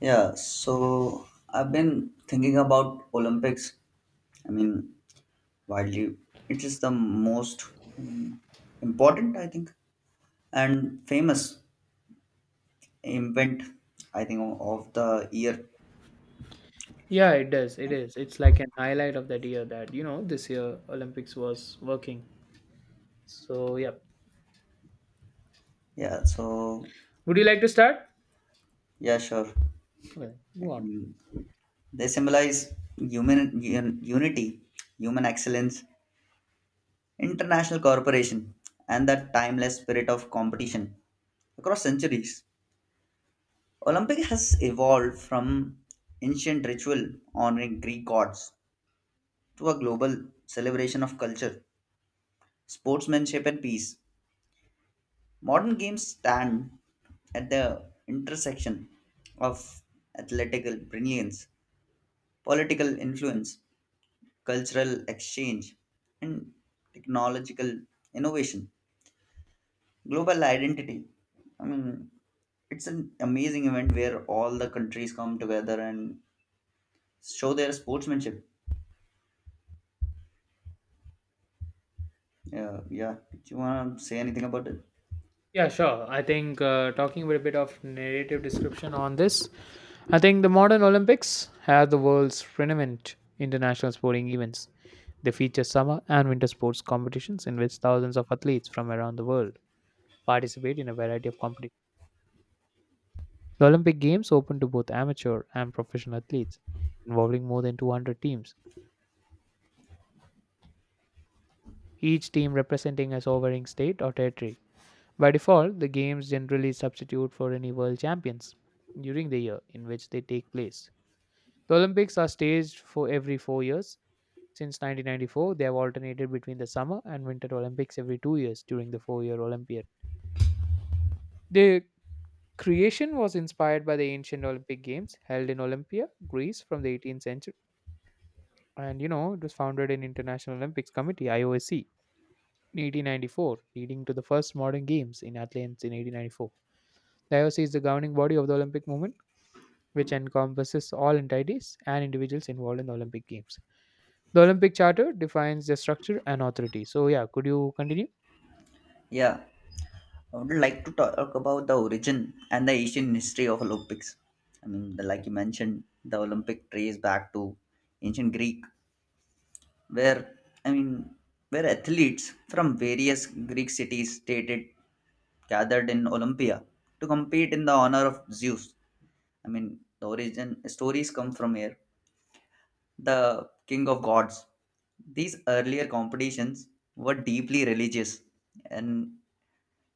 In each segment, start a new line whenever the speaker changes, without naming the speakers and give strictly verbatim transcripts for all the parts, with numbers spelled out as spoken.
Yeah, so I've been thinking about Olympics. I mean, widely, it is the most, I mean, important, I think, and famous event, I think, o- of the year.
Yeah, it does. It is. It's like an highlight of that year that, you know, this year Olympics was working. So, yeah.
Yeah, so
Would you like to start?
yeah, sure.
Okay, go on.
They symbolize human un- unity, human excellence, international cooperation, and the timeless spirit of competition across centuries. Olympic has evolved from ancient ritual honoring Greek gods to a global celebration of culture, sportsmanship, and peace. Modern games stand at the intersection of athletical brilliance, political influence, cultural exchange, and technological innovation, global identity. I mean, it's an amazing event where all the countries come together and show their sportsmanship. Yeah, yeah. Do you wanna say anything about it?
Yeah, sure. I think uh, talking about a bit of narrative description on this, I think the modern Olympics are the world's renowned international sporting events. They feature summer and winter sports competitions in which thousands of athletes from around the world participate in a variety of competitions. The Olympic Games open to both amateur and professional athletes, involving more than two hundred teams, each team representing a sovereign state or territory. By default, the games generally substitute for any world champions during the year in which they take place. The Olympics are staged for every four years. Since nineteen ninety-four, they have alternated between the summer and winter Olympics every two years during the four year Olympiad. The creation was inspired by the ancient Olympic Games held in Olympia, Greece, from the eighteenth century. And you know, it was founded in International Olympics Committee, I O C, in eighteen ninety-four, leading to the first modern games in Athens in eighteen ninety-four. The I O C is the governing body of the Olympic movement, which encompasses all entities and individuals involved in the Olympic Games. The Olympic Charter defines the structure and authority. So, yeah, could you continue?
Yeah, I would like to talk about the origin and the Asian history of Olympics. I mean, the, like you mentioned, the Olympic trace back to ancient Greek, where, I mean, where athletes from various Greek cities stated gathered in Olympia to compete in the honor of Zeus. I mean, the origin stories come from here. The king of gods. These earlier competitions were deeply religious and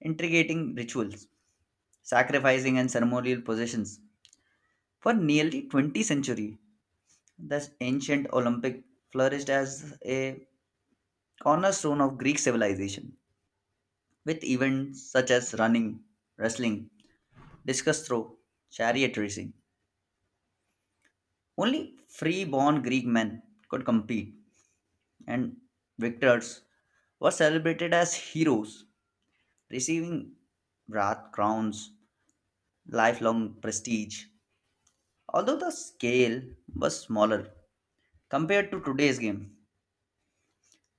integrating rituals, sacrificing and ceremonial possessions. For nearly twenty centuries, the ancient Olympic flourished as a cornerstone of Greek civilization, with events such as running, wrestling, discus throw, chariot racing. Only free-born Greek men could compete, and victors were celebrated as heroes, receiving wrath crowns, lifelong prestige. Although the scale was smaller compared to today's game,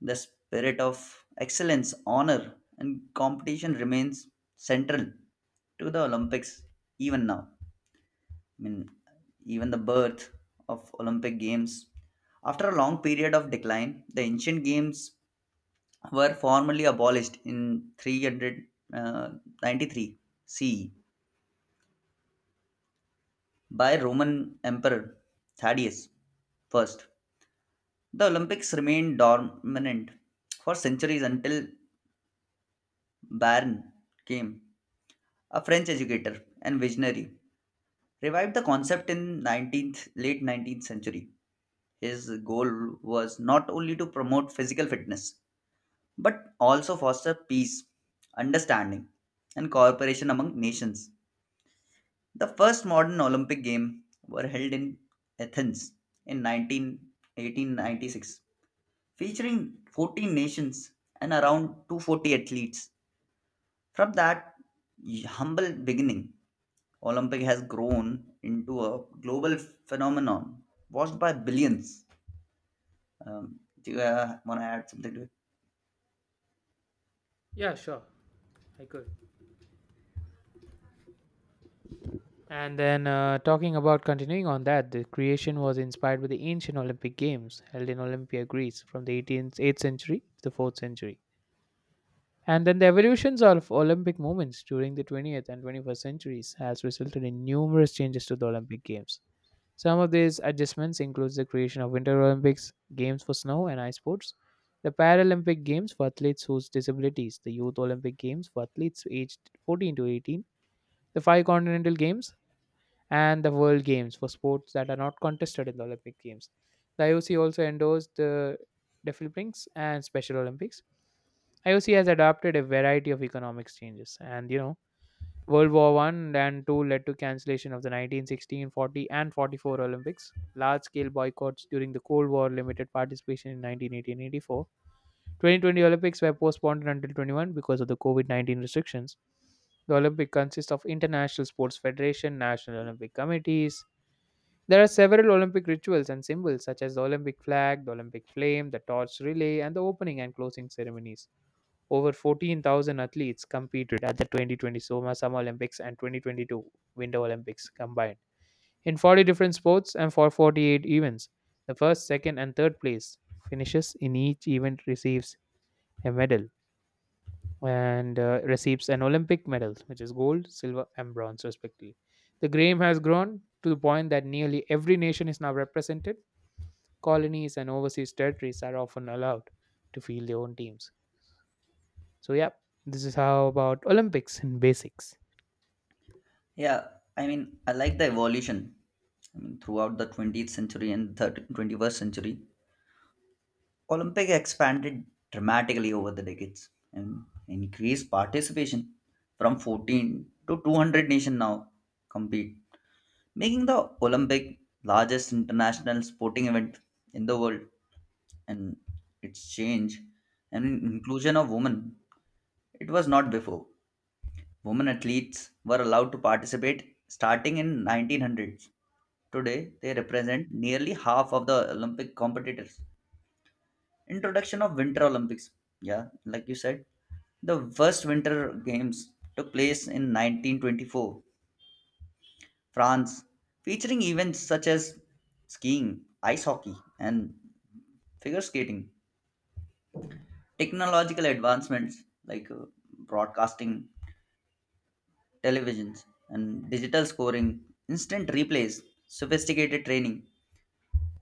the spirit of excellence, honor, and competition remains central to the Olympics even now. I mean, even the birth of Olympic Games. After a long period of decline, the ancient games were formally abolished in three hundred ninety-three C E by Roman Emperor Thaddeus I. The Olympics remained dormant for centuries until Barron came, a French educator and visionary, revived the concept in nineteenth late nineteenth century. His goal was not only to promote physical fitness but also foster peace, understanding, and cooperation among nations. The first modern Olympic Games were held in Athens in nineteen eighteen ninety-six, featuring fourteen nations and around two hundred forty athletes. From that humble beginning, Olympic has grown into a global phenomenon watched by billions. Um, do you uh, want to add something to it?
Yeah, sure. I could. And then, uh, talking about continuing on that, the creation was inspired by the ancient Olympic Games held in Olympia, Greece, from the eighteenth, eighth century to the fourth century. And then the evolutions of Olympic movements during the twentieth and twenty-first centuries has resulted in numerous changes to the Olympic Games. Some of these adjustments include the creation of Winter Olympics, games for snow and ice sports, the Paralympic Games for athletes whose disabilities, the Youth Olympic Games for athletes aged fourteen to eighteen, the five continental games, and the World Games for sports that are not contested in the Olympic Games. The I O C also endorsed the Deaflympics and Special Olympics. I O C has adopted a variety of economic changes, and you know, World War One and Two led to cancellation of the nineteen sixteen, forty, and forty-four Olympics. Large-scale boycotts during the Cold War limited participation in nineteen eighty and eighty-four. twenty twenty Olympics were postponed until twenty-one because of the COVID nineteen restrictions. The Olympic consists of international sports federation, national Olympic committees. There are several Olympic rituals and symbols, such as the Olympic flag, the Olympic flame, the torch relay, and the opening and closing ceremonies. Over fourteen thousand athletes competed at the twenty twenty Soma Summer Olympics and twenty twenty-two Winter Olympics combined in forty different sports and for forty-eight events. The first, second, and third place finishes in each event receives a medal and uh, receives an Olympic medal, which is gold, silver, and bronze, respectively. The game has grown to the point that nearly every nation is now represented. Colonies and overseas territories are often allowed to field their own teams. So yeah, this is how about Olympics in basics.
Yeah, I mean, I like the evolution. I mean, throughout the twentieth century and thirty twenty-first century, Olympic expanded dramatically over the decades and increased participation from fourteen to two hundred nations now compete, making the Olympic largest international sporting event in the world, and its change and inclusion of women. It was not before. Women athletes were allowed to participate starting in nineteen hundreds. Today, they represent nearly half of the Olympic competitors. Introduction of Winter Olympics. Yeah, like you said, the first Winter Games took place in nineteen twenty-four France, featuring events such as skiing, ice hockey, and figure skating. Technological advancements like uh, broadcasting, televisions, and digital scoring, instant replays, sophisticated training,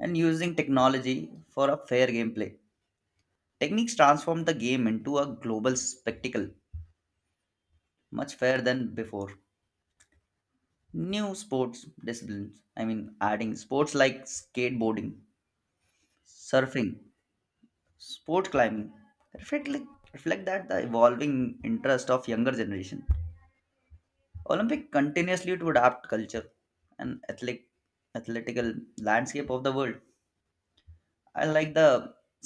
and using technology for a fair gameplay. Techniques transformed the game into a global spectacle, much fairer than before. New sports disciplines, I mean, adding sports like skateboarding, surfing, sport climbing reflect, reflect that the evolving interest of younger generation. Olympic continuously to adapt culture and athletic athletical landscape of the world. I like the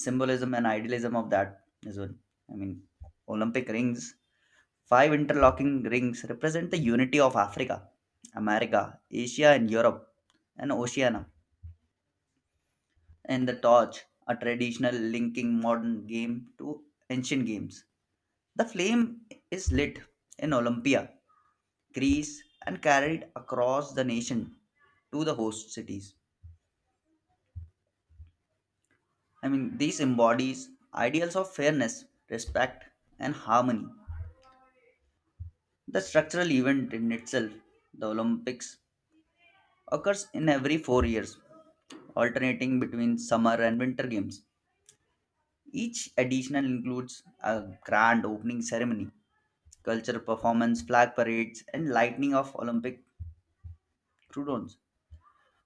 symbolism and idealism of that as well. I mean, Olympic rings, five interlocking rings represent the unity of Africa, America, Asia, and Europe, and Oceania, and the torch, a traditional linking modern game to ancient games. The flame is lit in Olympia, Greece, and carried across the nation to the host cities. I mean, this embodies ideals of fairness, respect, and harmony. The structural event in itself, the Olympics, occurs in every four years, alternating between summer and winter games. Each additional includes a grand opening ceremony, cultural performance, flag parades, and lighting of Olympic croupiers.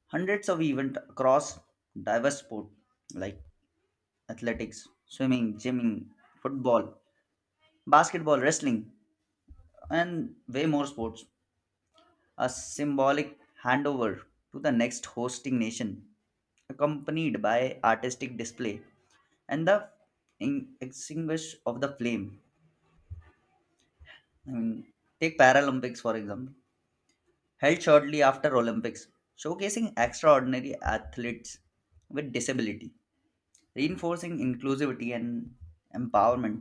Hundreds of events across diverse sports like athletics, swimming, gymming, football, basketball, wrestling, and way more sports. A symbolic handover to the next hosting nation, accompanied by artistic display and the in- extinguish of the flame. I mean, take Paralympics for example, held shortly after Olympics, showcasing extraordinary athletes with disability, reinforcing inclusivity and empowerment.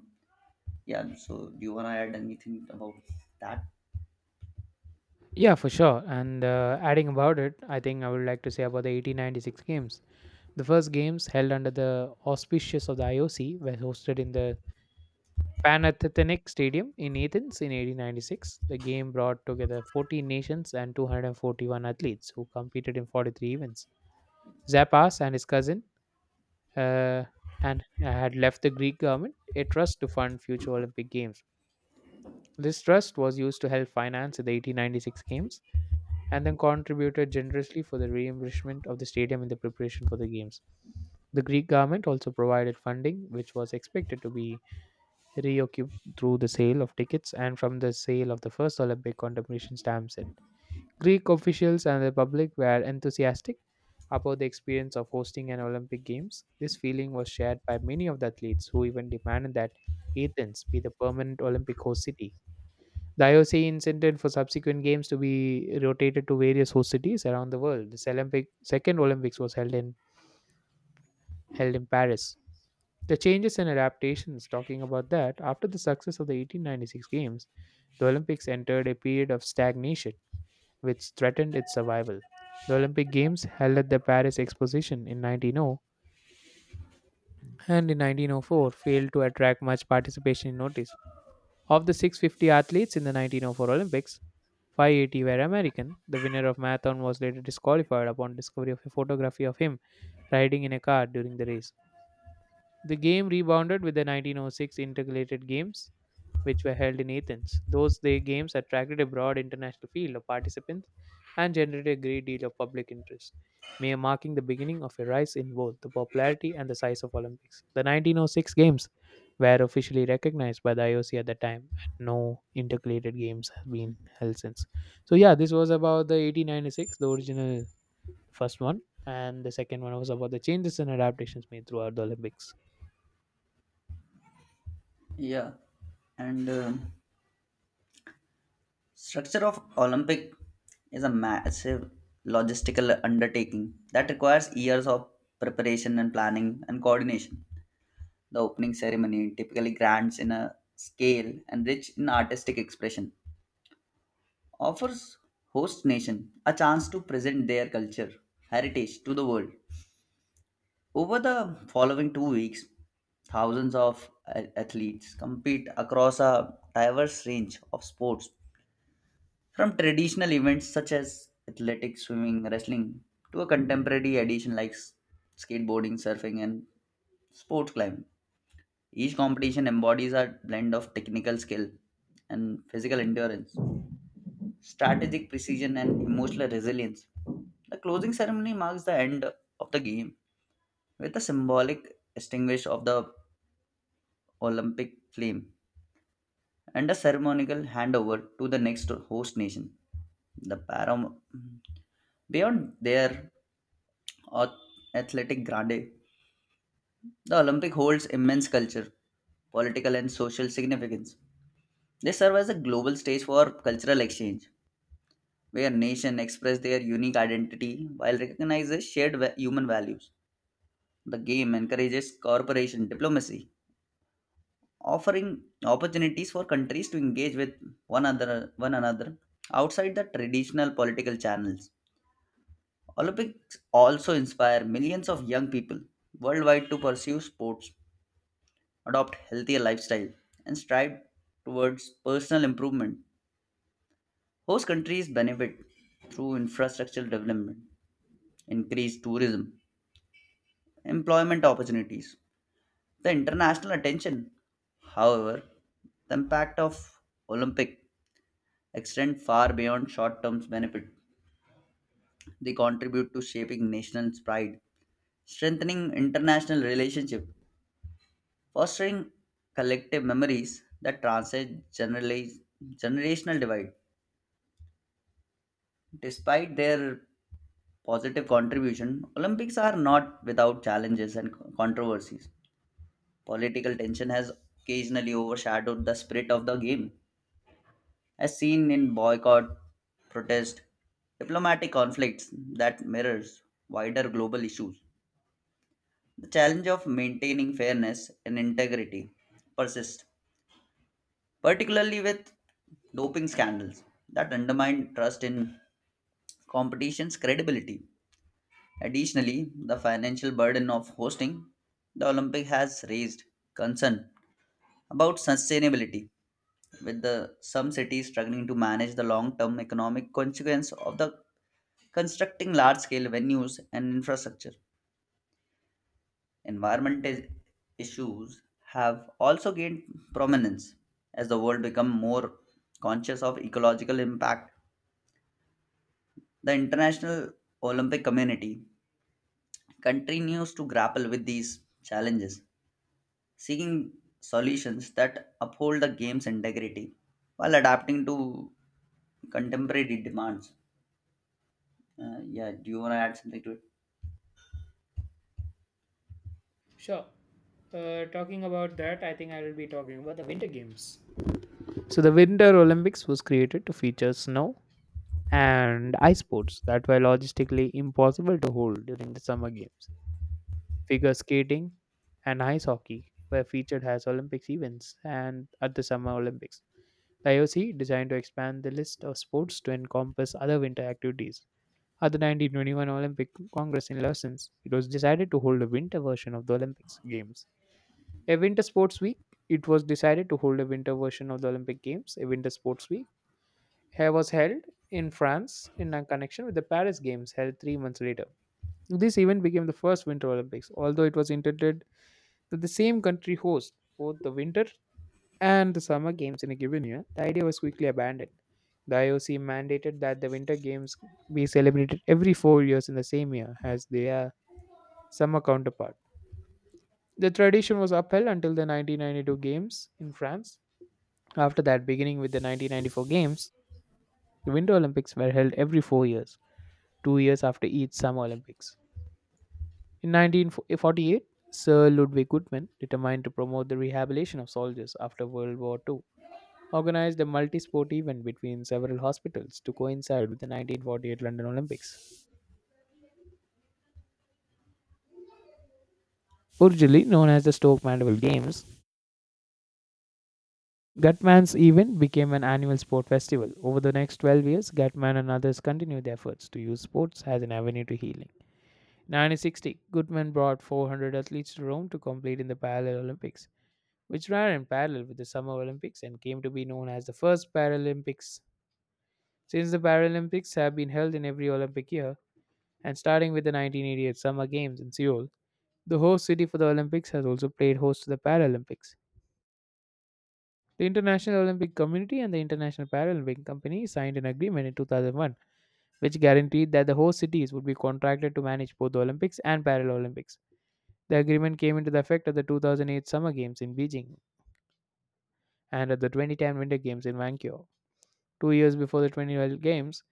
Yeah, so do you want to add anything about that?
Yeah, for sure. And uh, adding about it, I think I would like to say about the eighteen ninety-six games. The first games held under the auspices of the I O C were hosted in the Panathinaikos Stadium in Athens in eighteen ninety-six. The game brought together fourteen nations and two hundred forty-one athletes who competed in forty-three events. Zappas and his cousin uh, and had left the Greek government a trust to fund future Olympic Games. This trust was used to help finance the eighteen ninety-six Games and then contributed generously for the reimbursement of the stadium in the preparation for the Games. The Greek government also provided funding, which was expected to be reoccupied through the sale of tickets and from the sale of the first Olympic commemoration stamp set. Greek officials and the public were enthusiastic about the experience of hosting an Olympic Games. This feeling was shared by many of the athletes who even demanded that Athens be the permanent Olympic host city. The I O C intended for subsequent games to be rotated to various host cities around the world. This Olympic second Olympics was held in held in Paris. The changes and adaptations, talking about that after the success of the eighteen ninety-six games, the Olympics entered a period of stagnation which threatened its survival. The Olympic Games held at the Paris Exposition in nineteen hundred and in nineteen oh four failed to attract much participation in notice. Of the six hundred fifty athletes in the nineteen oh four Olympics, five hundred eighty were American. The winner of marathon was later disqualified upon discovery of a photography of him riding in a car during the race. The game rebounded with the nineteen oh six Intercalated Games which were held in Athens. Those day games attracted a broad international field of participants and generated a great deal of public interest, may marking the beginning of a rise in both the popularity and the size of Olympics. The nineteen oh six games were officially recognized by the I O C at the time, and no intercalated games have been held since. So yeah, this was about the eighteen ninety-six, the original first one, and the second one was about the changes and adaptations made throughout the Olympics.
Yeah. and um Structure of Olympic is a massive logistical undertaking that requires years of preparation and planning and coordination. The opening ceremony typically grants in a scale and rich in artistic expression, offers host nation a chance to present their culture heritage to the world. Over the following two weeks, thousands of a- athletes compete across a diverse range of sports, from traditional events such as athletics, swimming, wrestling, to a contemporary addition like s- skateboarding, surfing, and sports climbing. Each competition embodies a blend of technical skill and physical endurance, strategic precision, and emotional resilience. The closing ceremony marks the end of the game with a symbolic extinguish of the Olympic flame and a ceremonial handover to the next host nation. The param- Beyond their ath- athletic grandeur, the Olympic holds immense culture, political and social significance. They serve as a global stage for cultural exchange, where nations express their unique identity while recognizing shared va- human values. The game encourages cooperation, diplomacy, offering opportunities for countries to engage with one another one another outside the traditional political channels. Olympics also inspire millions of young people worldwide to pursue sports, adopt healthier lifestyle, and strive towards personal improvement. Host countries benefit through infrastructural development, increased tourism, employment opportunities, the international attention. However, the impact of Olympic extend far beyond short term benefit. They contribute to shaping national pride, strengthening international relationships, fostering collective memories that transcend generali- generational divide. Despite their positive contribution, Olympics are not without challenges and controversies. Political tension has occasionally overshadowed the spirit of the game, as seen in boycott, protest, diplomatic conflicts that mirrors wider global issues. The challenge of maintaining fairness and integrity persists, particularly with doping scandals that undermine trust in competition's credibility. Additionally, the financial burden of hosting the Olympic has raised concern about sustainability, with the some cities struggling to manage the long-term economic consequence of the constructing large-scale venues and infrastructure. Environment is- issues have also gained prominence as the world become more conscious of ecological impact. The International Olympic Community continues to grapple with these challenges, seeking solutions that uphold the game's integrity while adapting to contemporary demands. Uh, yeah, do you want to add something to it?
Sure. Uh, talking about that, I think I will be talking about the Winter Games. So the Winter Olympics was created to feature snow and ice sports that were logistically impossible to hold during the Summer Games. Figure skating and ice hockey were featured as Olympics events and at the Summer Olympics. The I O C designed to expand the list of sports to encompass other winter activities. At the nineteen twenty-one Olympic Congress in Lausanne, it was decided to hold a winter version of the Olympics Games. A winter sports week. It was decided to hold a winter version of the Olympic Games. A winter sports week ha- was held in France in a connection with the Paris Games held three months later. This event became the first Winter Olympics, although it was intended that the same country host both the Winter and the Summer Games in a given year. The idea was quickly abandoned. The I O C mandated that the Winter Games be celebrated every four years in the same year as their summer counterpart. The tradition was upheld until the nineteen ninety-two Games in France. After that, beginning with the nineteen ninety-four Games, the Winter Olympics were held every four years, two years after each Summer Olympics. In nineteen forty-eight, Sir Ludwig Goodman, determined to promote the rehabilitation of soldiers after World War two, organized a multi sport event between several hospitals to coincide with the nineteen forty-eight London Olympics. Originally known as the Stoke Mandeville Games, Gutman's event became an annual sport festival. Over the next twelve years, Gutman and others continued their efforts to use sports as an avenue to healing. nineteen sixty, Goodman brought four hundred athletes to Rome to compete in the Parallel Olympics, which ran in parallel with the Summer Olympics and came to be known as the first Paralympics. Since the Paralympics have been held in every Olympic year, and starting with the nineteen eighty-eight Summer Games in Seoul, the host city for the Olympics has also played host to the Paralympics. The International Olympic Committee and the International Paralympic Company signed an agreement in two thousand one, which guaranteed that the host cities would be contracted to manage both the Olympics and Paralympics. The agreement came into the effect at the two thousand eight Summer Games in Beijing and at the twenty ten Winter Games in Vancouver. Two years before the twenty twelve Games,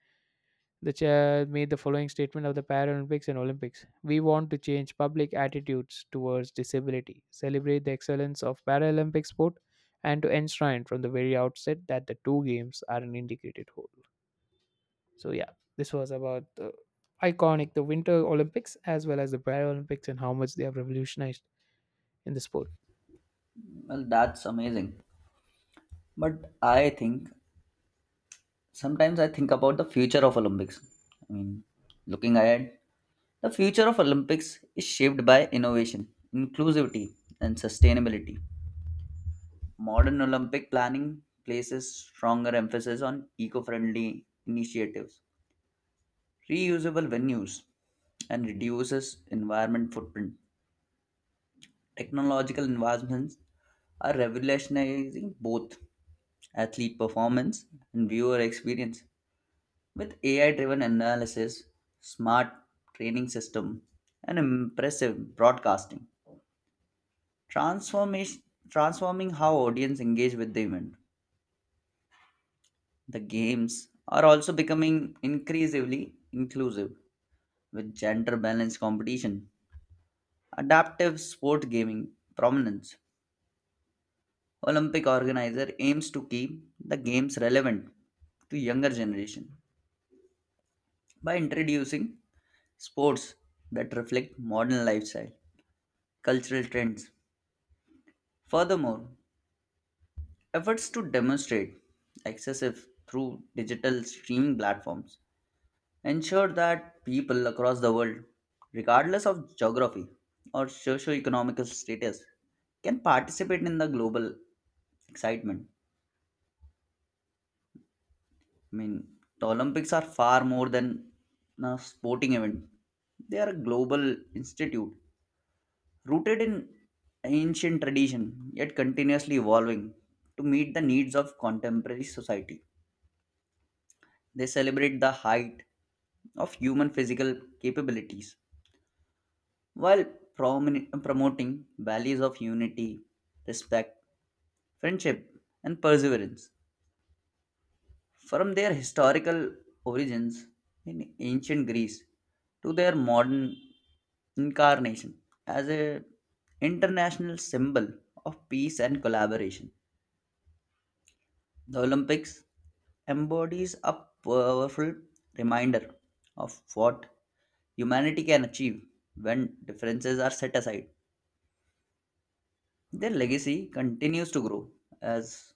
the chair made the following statement of the Paralympics and Olympics. We want to change public attitudes towards disability, celebrate the excellence of Paralympic sport, and to enshrine from the very outset that the two games are an integrated whole. So, yeah, this was about the iconic the Winter Olympics as well as the Paralympics and how much they have revolutionized in the sport.
Well, that's amazing. But I think sometimes I think about the future of Olympics. I mean, looking ahead, the future of Olympics is shaped by innovation, inclusivity, and sustainability. Modern Olympic planning places stronger emphasis on eco-friendly initiatives, reusable venues, and reduces environment footprint. Technological advancements are revolutionizing both athlete performance and viewer experience. With A I driven analysis, smart training system, and impressive broadcasting, transformation, transforming how audience engage with the event. The games are also becoming increasingly inclusive with gender balanced competition, adaptive sport gaming prominence. Olympic organizer aims to keep the games relevant to younger generation by introducing sports that reflect modern lifestyle, cultural trends. Furthermore, efforts to demonstrate excessive through digital streaming platforms ensure that people across the world, regardless of geography or socio-economic status, can participate in the global excitement. I mean, the Olympics are far more than a sporting event. They are a global institute rooted in ancient tradition yet continuously evolving to meet the needs of contemporary society. They celebrate the height of human physical capabilities while promin- promoting values of unity, respect, friendship, and perseverance. From their historical origins in ancient Greece to their modern incarnation as an international symbol of peace and collaboration. The Olympics embodies a powerful reminder of what humanity can achieve when differences are set aside. Their legacy continues to grow as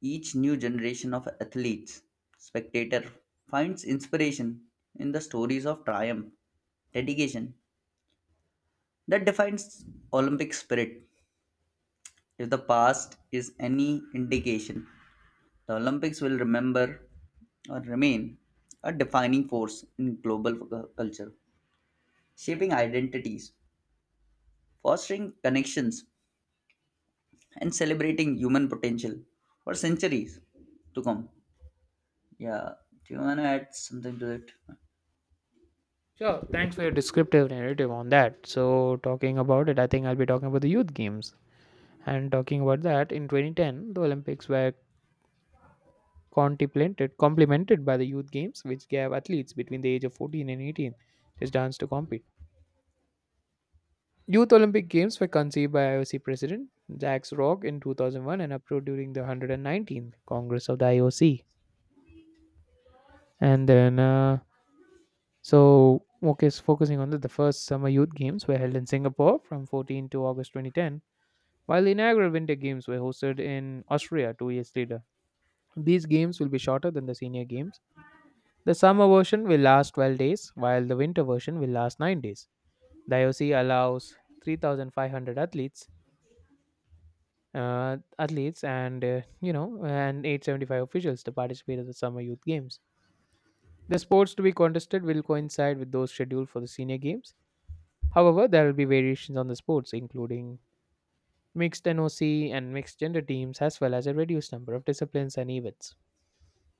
each new generation of athletes, spectator finds inspiration in the stories of triumph, dedication that defines Olympic spirit. If the past is any indication, the Olympics will remember or remain a defining force in global cu- culture, shaping identities, fostering connections, and celebrating human potential for centuries to come. Yeah, do you want to add something to it?
Sure, thanks for your descriptive narrative on that. So, talking about it, I think I'll be talking about the youth games. And talking about that, in twenty ten, the Olympics were contemplated, complemented by the youth games, which gave athletes between the age of fourteen and eighteen just chance to compete. Youth Olympic Games were conceived by I O C President Jacques Rogge in two thousand one and approved during the one hundred nineteenth Congress of the I O C. And then, uh, so, okay, so focusing on that, the first Summer Youth Games were held in Singapore from fourteen to August twenty ten, while the inaugural Winter Games were hosted in Austria two years later. These games will be shorter than the senior games. The summer version will last twelve days, while the winter version will last nine days. The I O C allows three thousand five hundred athletes uh, athletes and uh, you know and eight hundred seventy-five officials to participate in the Summer Youth Games. The sports to be contested will coincide with those scheduled for the senior games. However, there will be variations on the sports, including mixed NOC and mixed gender teams, as well as a reduced number of disciplines and events.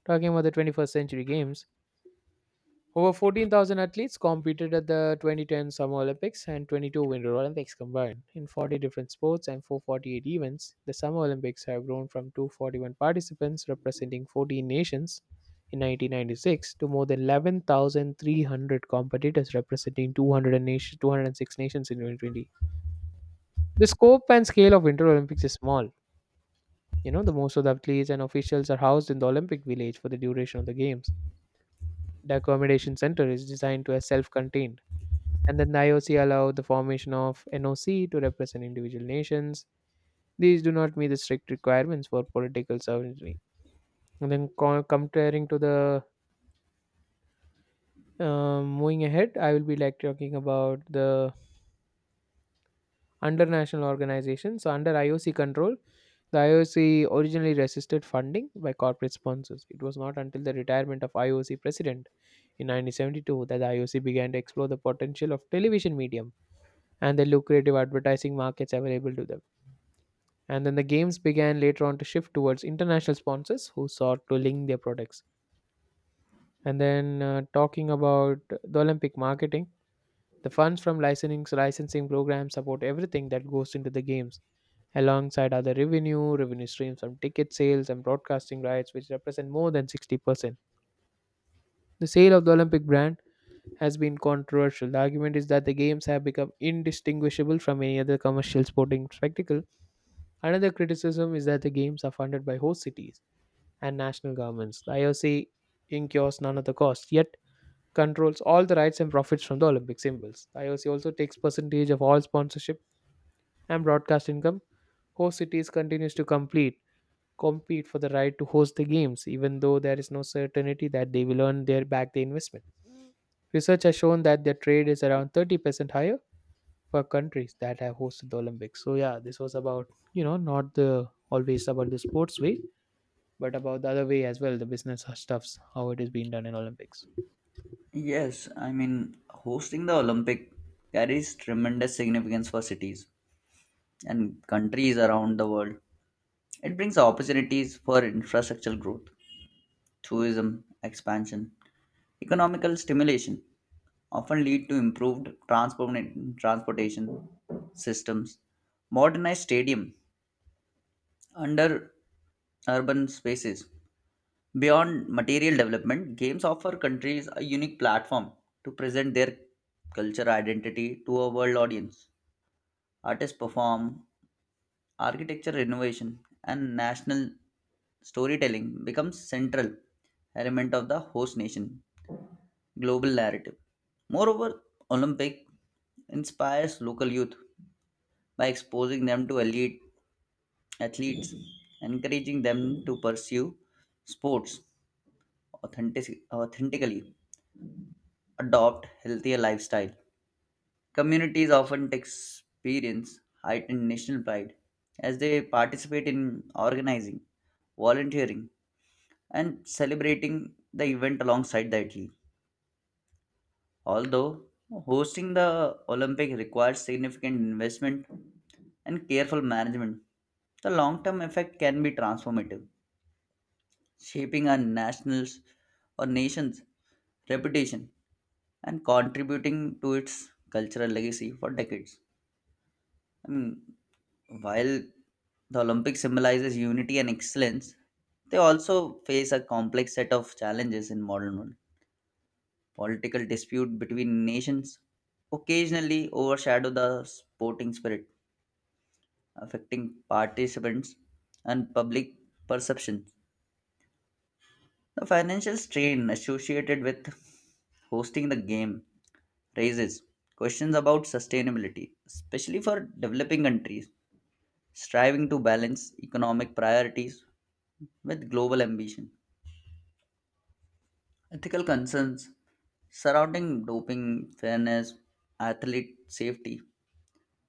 Talking about the twenty-first century games, over fourteen thousand athletes competed at the twenty ten Summer Olympics and twenty-two Winter Olympics combined. In forty different sports and four hundred forty-eight events, the Summer Olympics have grown from two hundred forty-one participants representing fourteen nations in nineteen ninety-six to more than eleven thousand three hundred competitors representing two hundred and nation, two hundred six nations in two thousand twenty. The scope and scale of Winter Olympics is small. You know, the most of the athletes and officials are housed in the Olympic Village for the duration of the Games. The accommodation center is designed to be self-contained, and then the I O C allowed the formation of N O C to represent individual nations. These do not meet the strict requirements for political sovereignty. And then co- comparing to the uh, moving ahead, I will be like talking about the under national organization. So under I O C control, the I O C originally resisted funding by corporate sponsors. It was not until the retirement of I O C president in nineteen seventy-two that the I O C began to explore the potential of television medium and the lucrative advertising markets available to them. And then the games began later on to shift towards international sponsors who sought to link their products. And then uh, talking about the Olympic marketing, the funds from licensing licensing programs support everything that goes into the games, alongside other revenue, revenue streams from ticket sales and broadcasting rights, which represent more than sixty percent. The sale of the Olympic brand has been controversial. The argument is that the games have become indistinguishable from any other commercial sporting spectacle. Another criticism is that the games are funded by host cities, and national governments. The I O C incurs none of the costs, yet controls all the rights and profits from the Olympic symbols. The I O C also takes percentage of all sponsorship and broadcast income. Host cities continues to complete compete for the right to host the games, even though there is no certainty that they will earn their back the investment. Research has shown that their trade is around thirty percent higher for countries that have hosted the Olympics. So yeah, this was about, you know, not the always about the sports way, but about the other way as well, the business stuffs, how it is being done in Olympics.
Yes, I mean, hosting the Olympic carries tremendous significance for cities and countries around the world. It brings opportunities for infrastructural growth, tourism expansion, economical stimulation, often lead to improved transport- transportation systems, modernized stadium under urban spaces. Beyond material development, games offer countries a unique platform to present their culture identity to a world audience. Artists perform, architecture renovation, and national storytelling becomes central element of the host nation global narrative. Moreover, Olympic inspires local youth by exposing them to elite athletes, encouraging them to pursue sports authentic- authentically, adopt healthier lifestyle. Communities often experience heightened national pride as they participate in organizing, volunteering, and celebrating the event alongside the athlete. Although hosting the Olympic requires significant investment and careful management, the long term effect can be transformative, shaping our nationals or nation's reputation and contributing to its cultural legacy for decades. I mean, while the Olympics symbolizes unity and excellence, they also face a complex set of challenges in modern world. Political dispute between nations occasionally overshadow the sporting spirit, affecting participants and public perception. The financial strain associated with hosting the game raises questions about sustainability, especially for developing countries striving to balance economic priorities with global ambition. Ethical concerns surrounding doping, fairness, athlete safety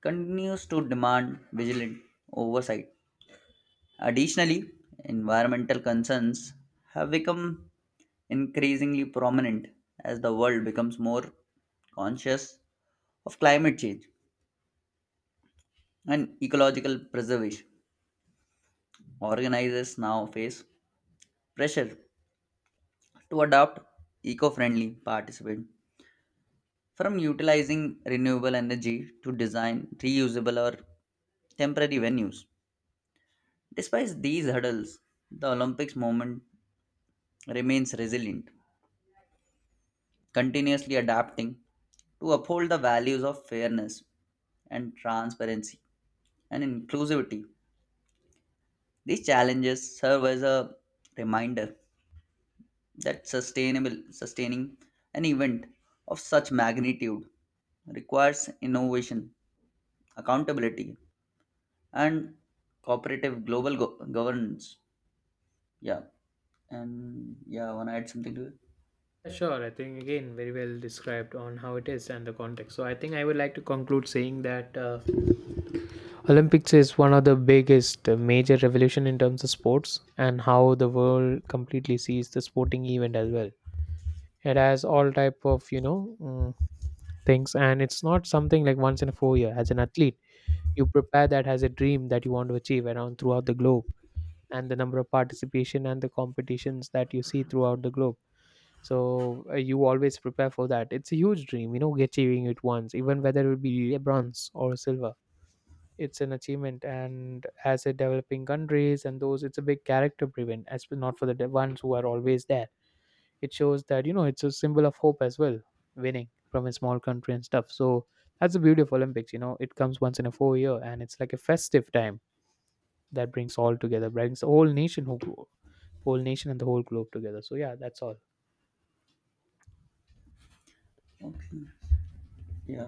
continues to demand vigilant oversight. Additionally, environmental concerns have become increasingly prominent as the world becomes more conscious of climate change and ecological preservation. Organizers now face pressure to adopt eco friendly participants, from utilizing renewable energy to design reusable or temporary venues. Despite these hurdles, the Olympics movement remains resilient, continuously adapting to uphold the values of fairness and transparency and inclusivity. These challenges serve as a reminder that sustainable sustaining an event of such magnitude requires innovation, accountability, and cooperative global go- governance. Yeah, and yeah, wanna add something to it?
Sure, I think again very well described on how it is and the context. So I think I would like to conclude saying that uh, Olympics is one of the biggest uh, major revolution in terms of sports and how the world completely sees the sporting event as well. It has all type of you know mm, things, and it's not something like once in a four year. As an athlete, you prepare that as a dream that you want to achieve around throughout the globe, and the number of participation and the competitions that you see throughout the globe. So uh, you always prepare for that. It's a huge dream. You know achieving it once, even whether it be a bronze or a silver, it's an achievement. And as a developing countries and those, it's a big character driven as well, not for the de- ones who are always there. It shows that you know it's a symbol of hope as well, winning from a small country and stuff. So that's the beauty of Olympics. You know it comes once in a four year, and it's like a festive time that brings all together, brings the whole nation who whole nation and the whole globe together. So yeah, that's all.
Okay. Yeah.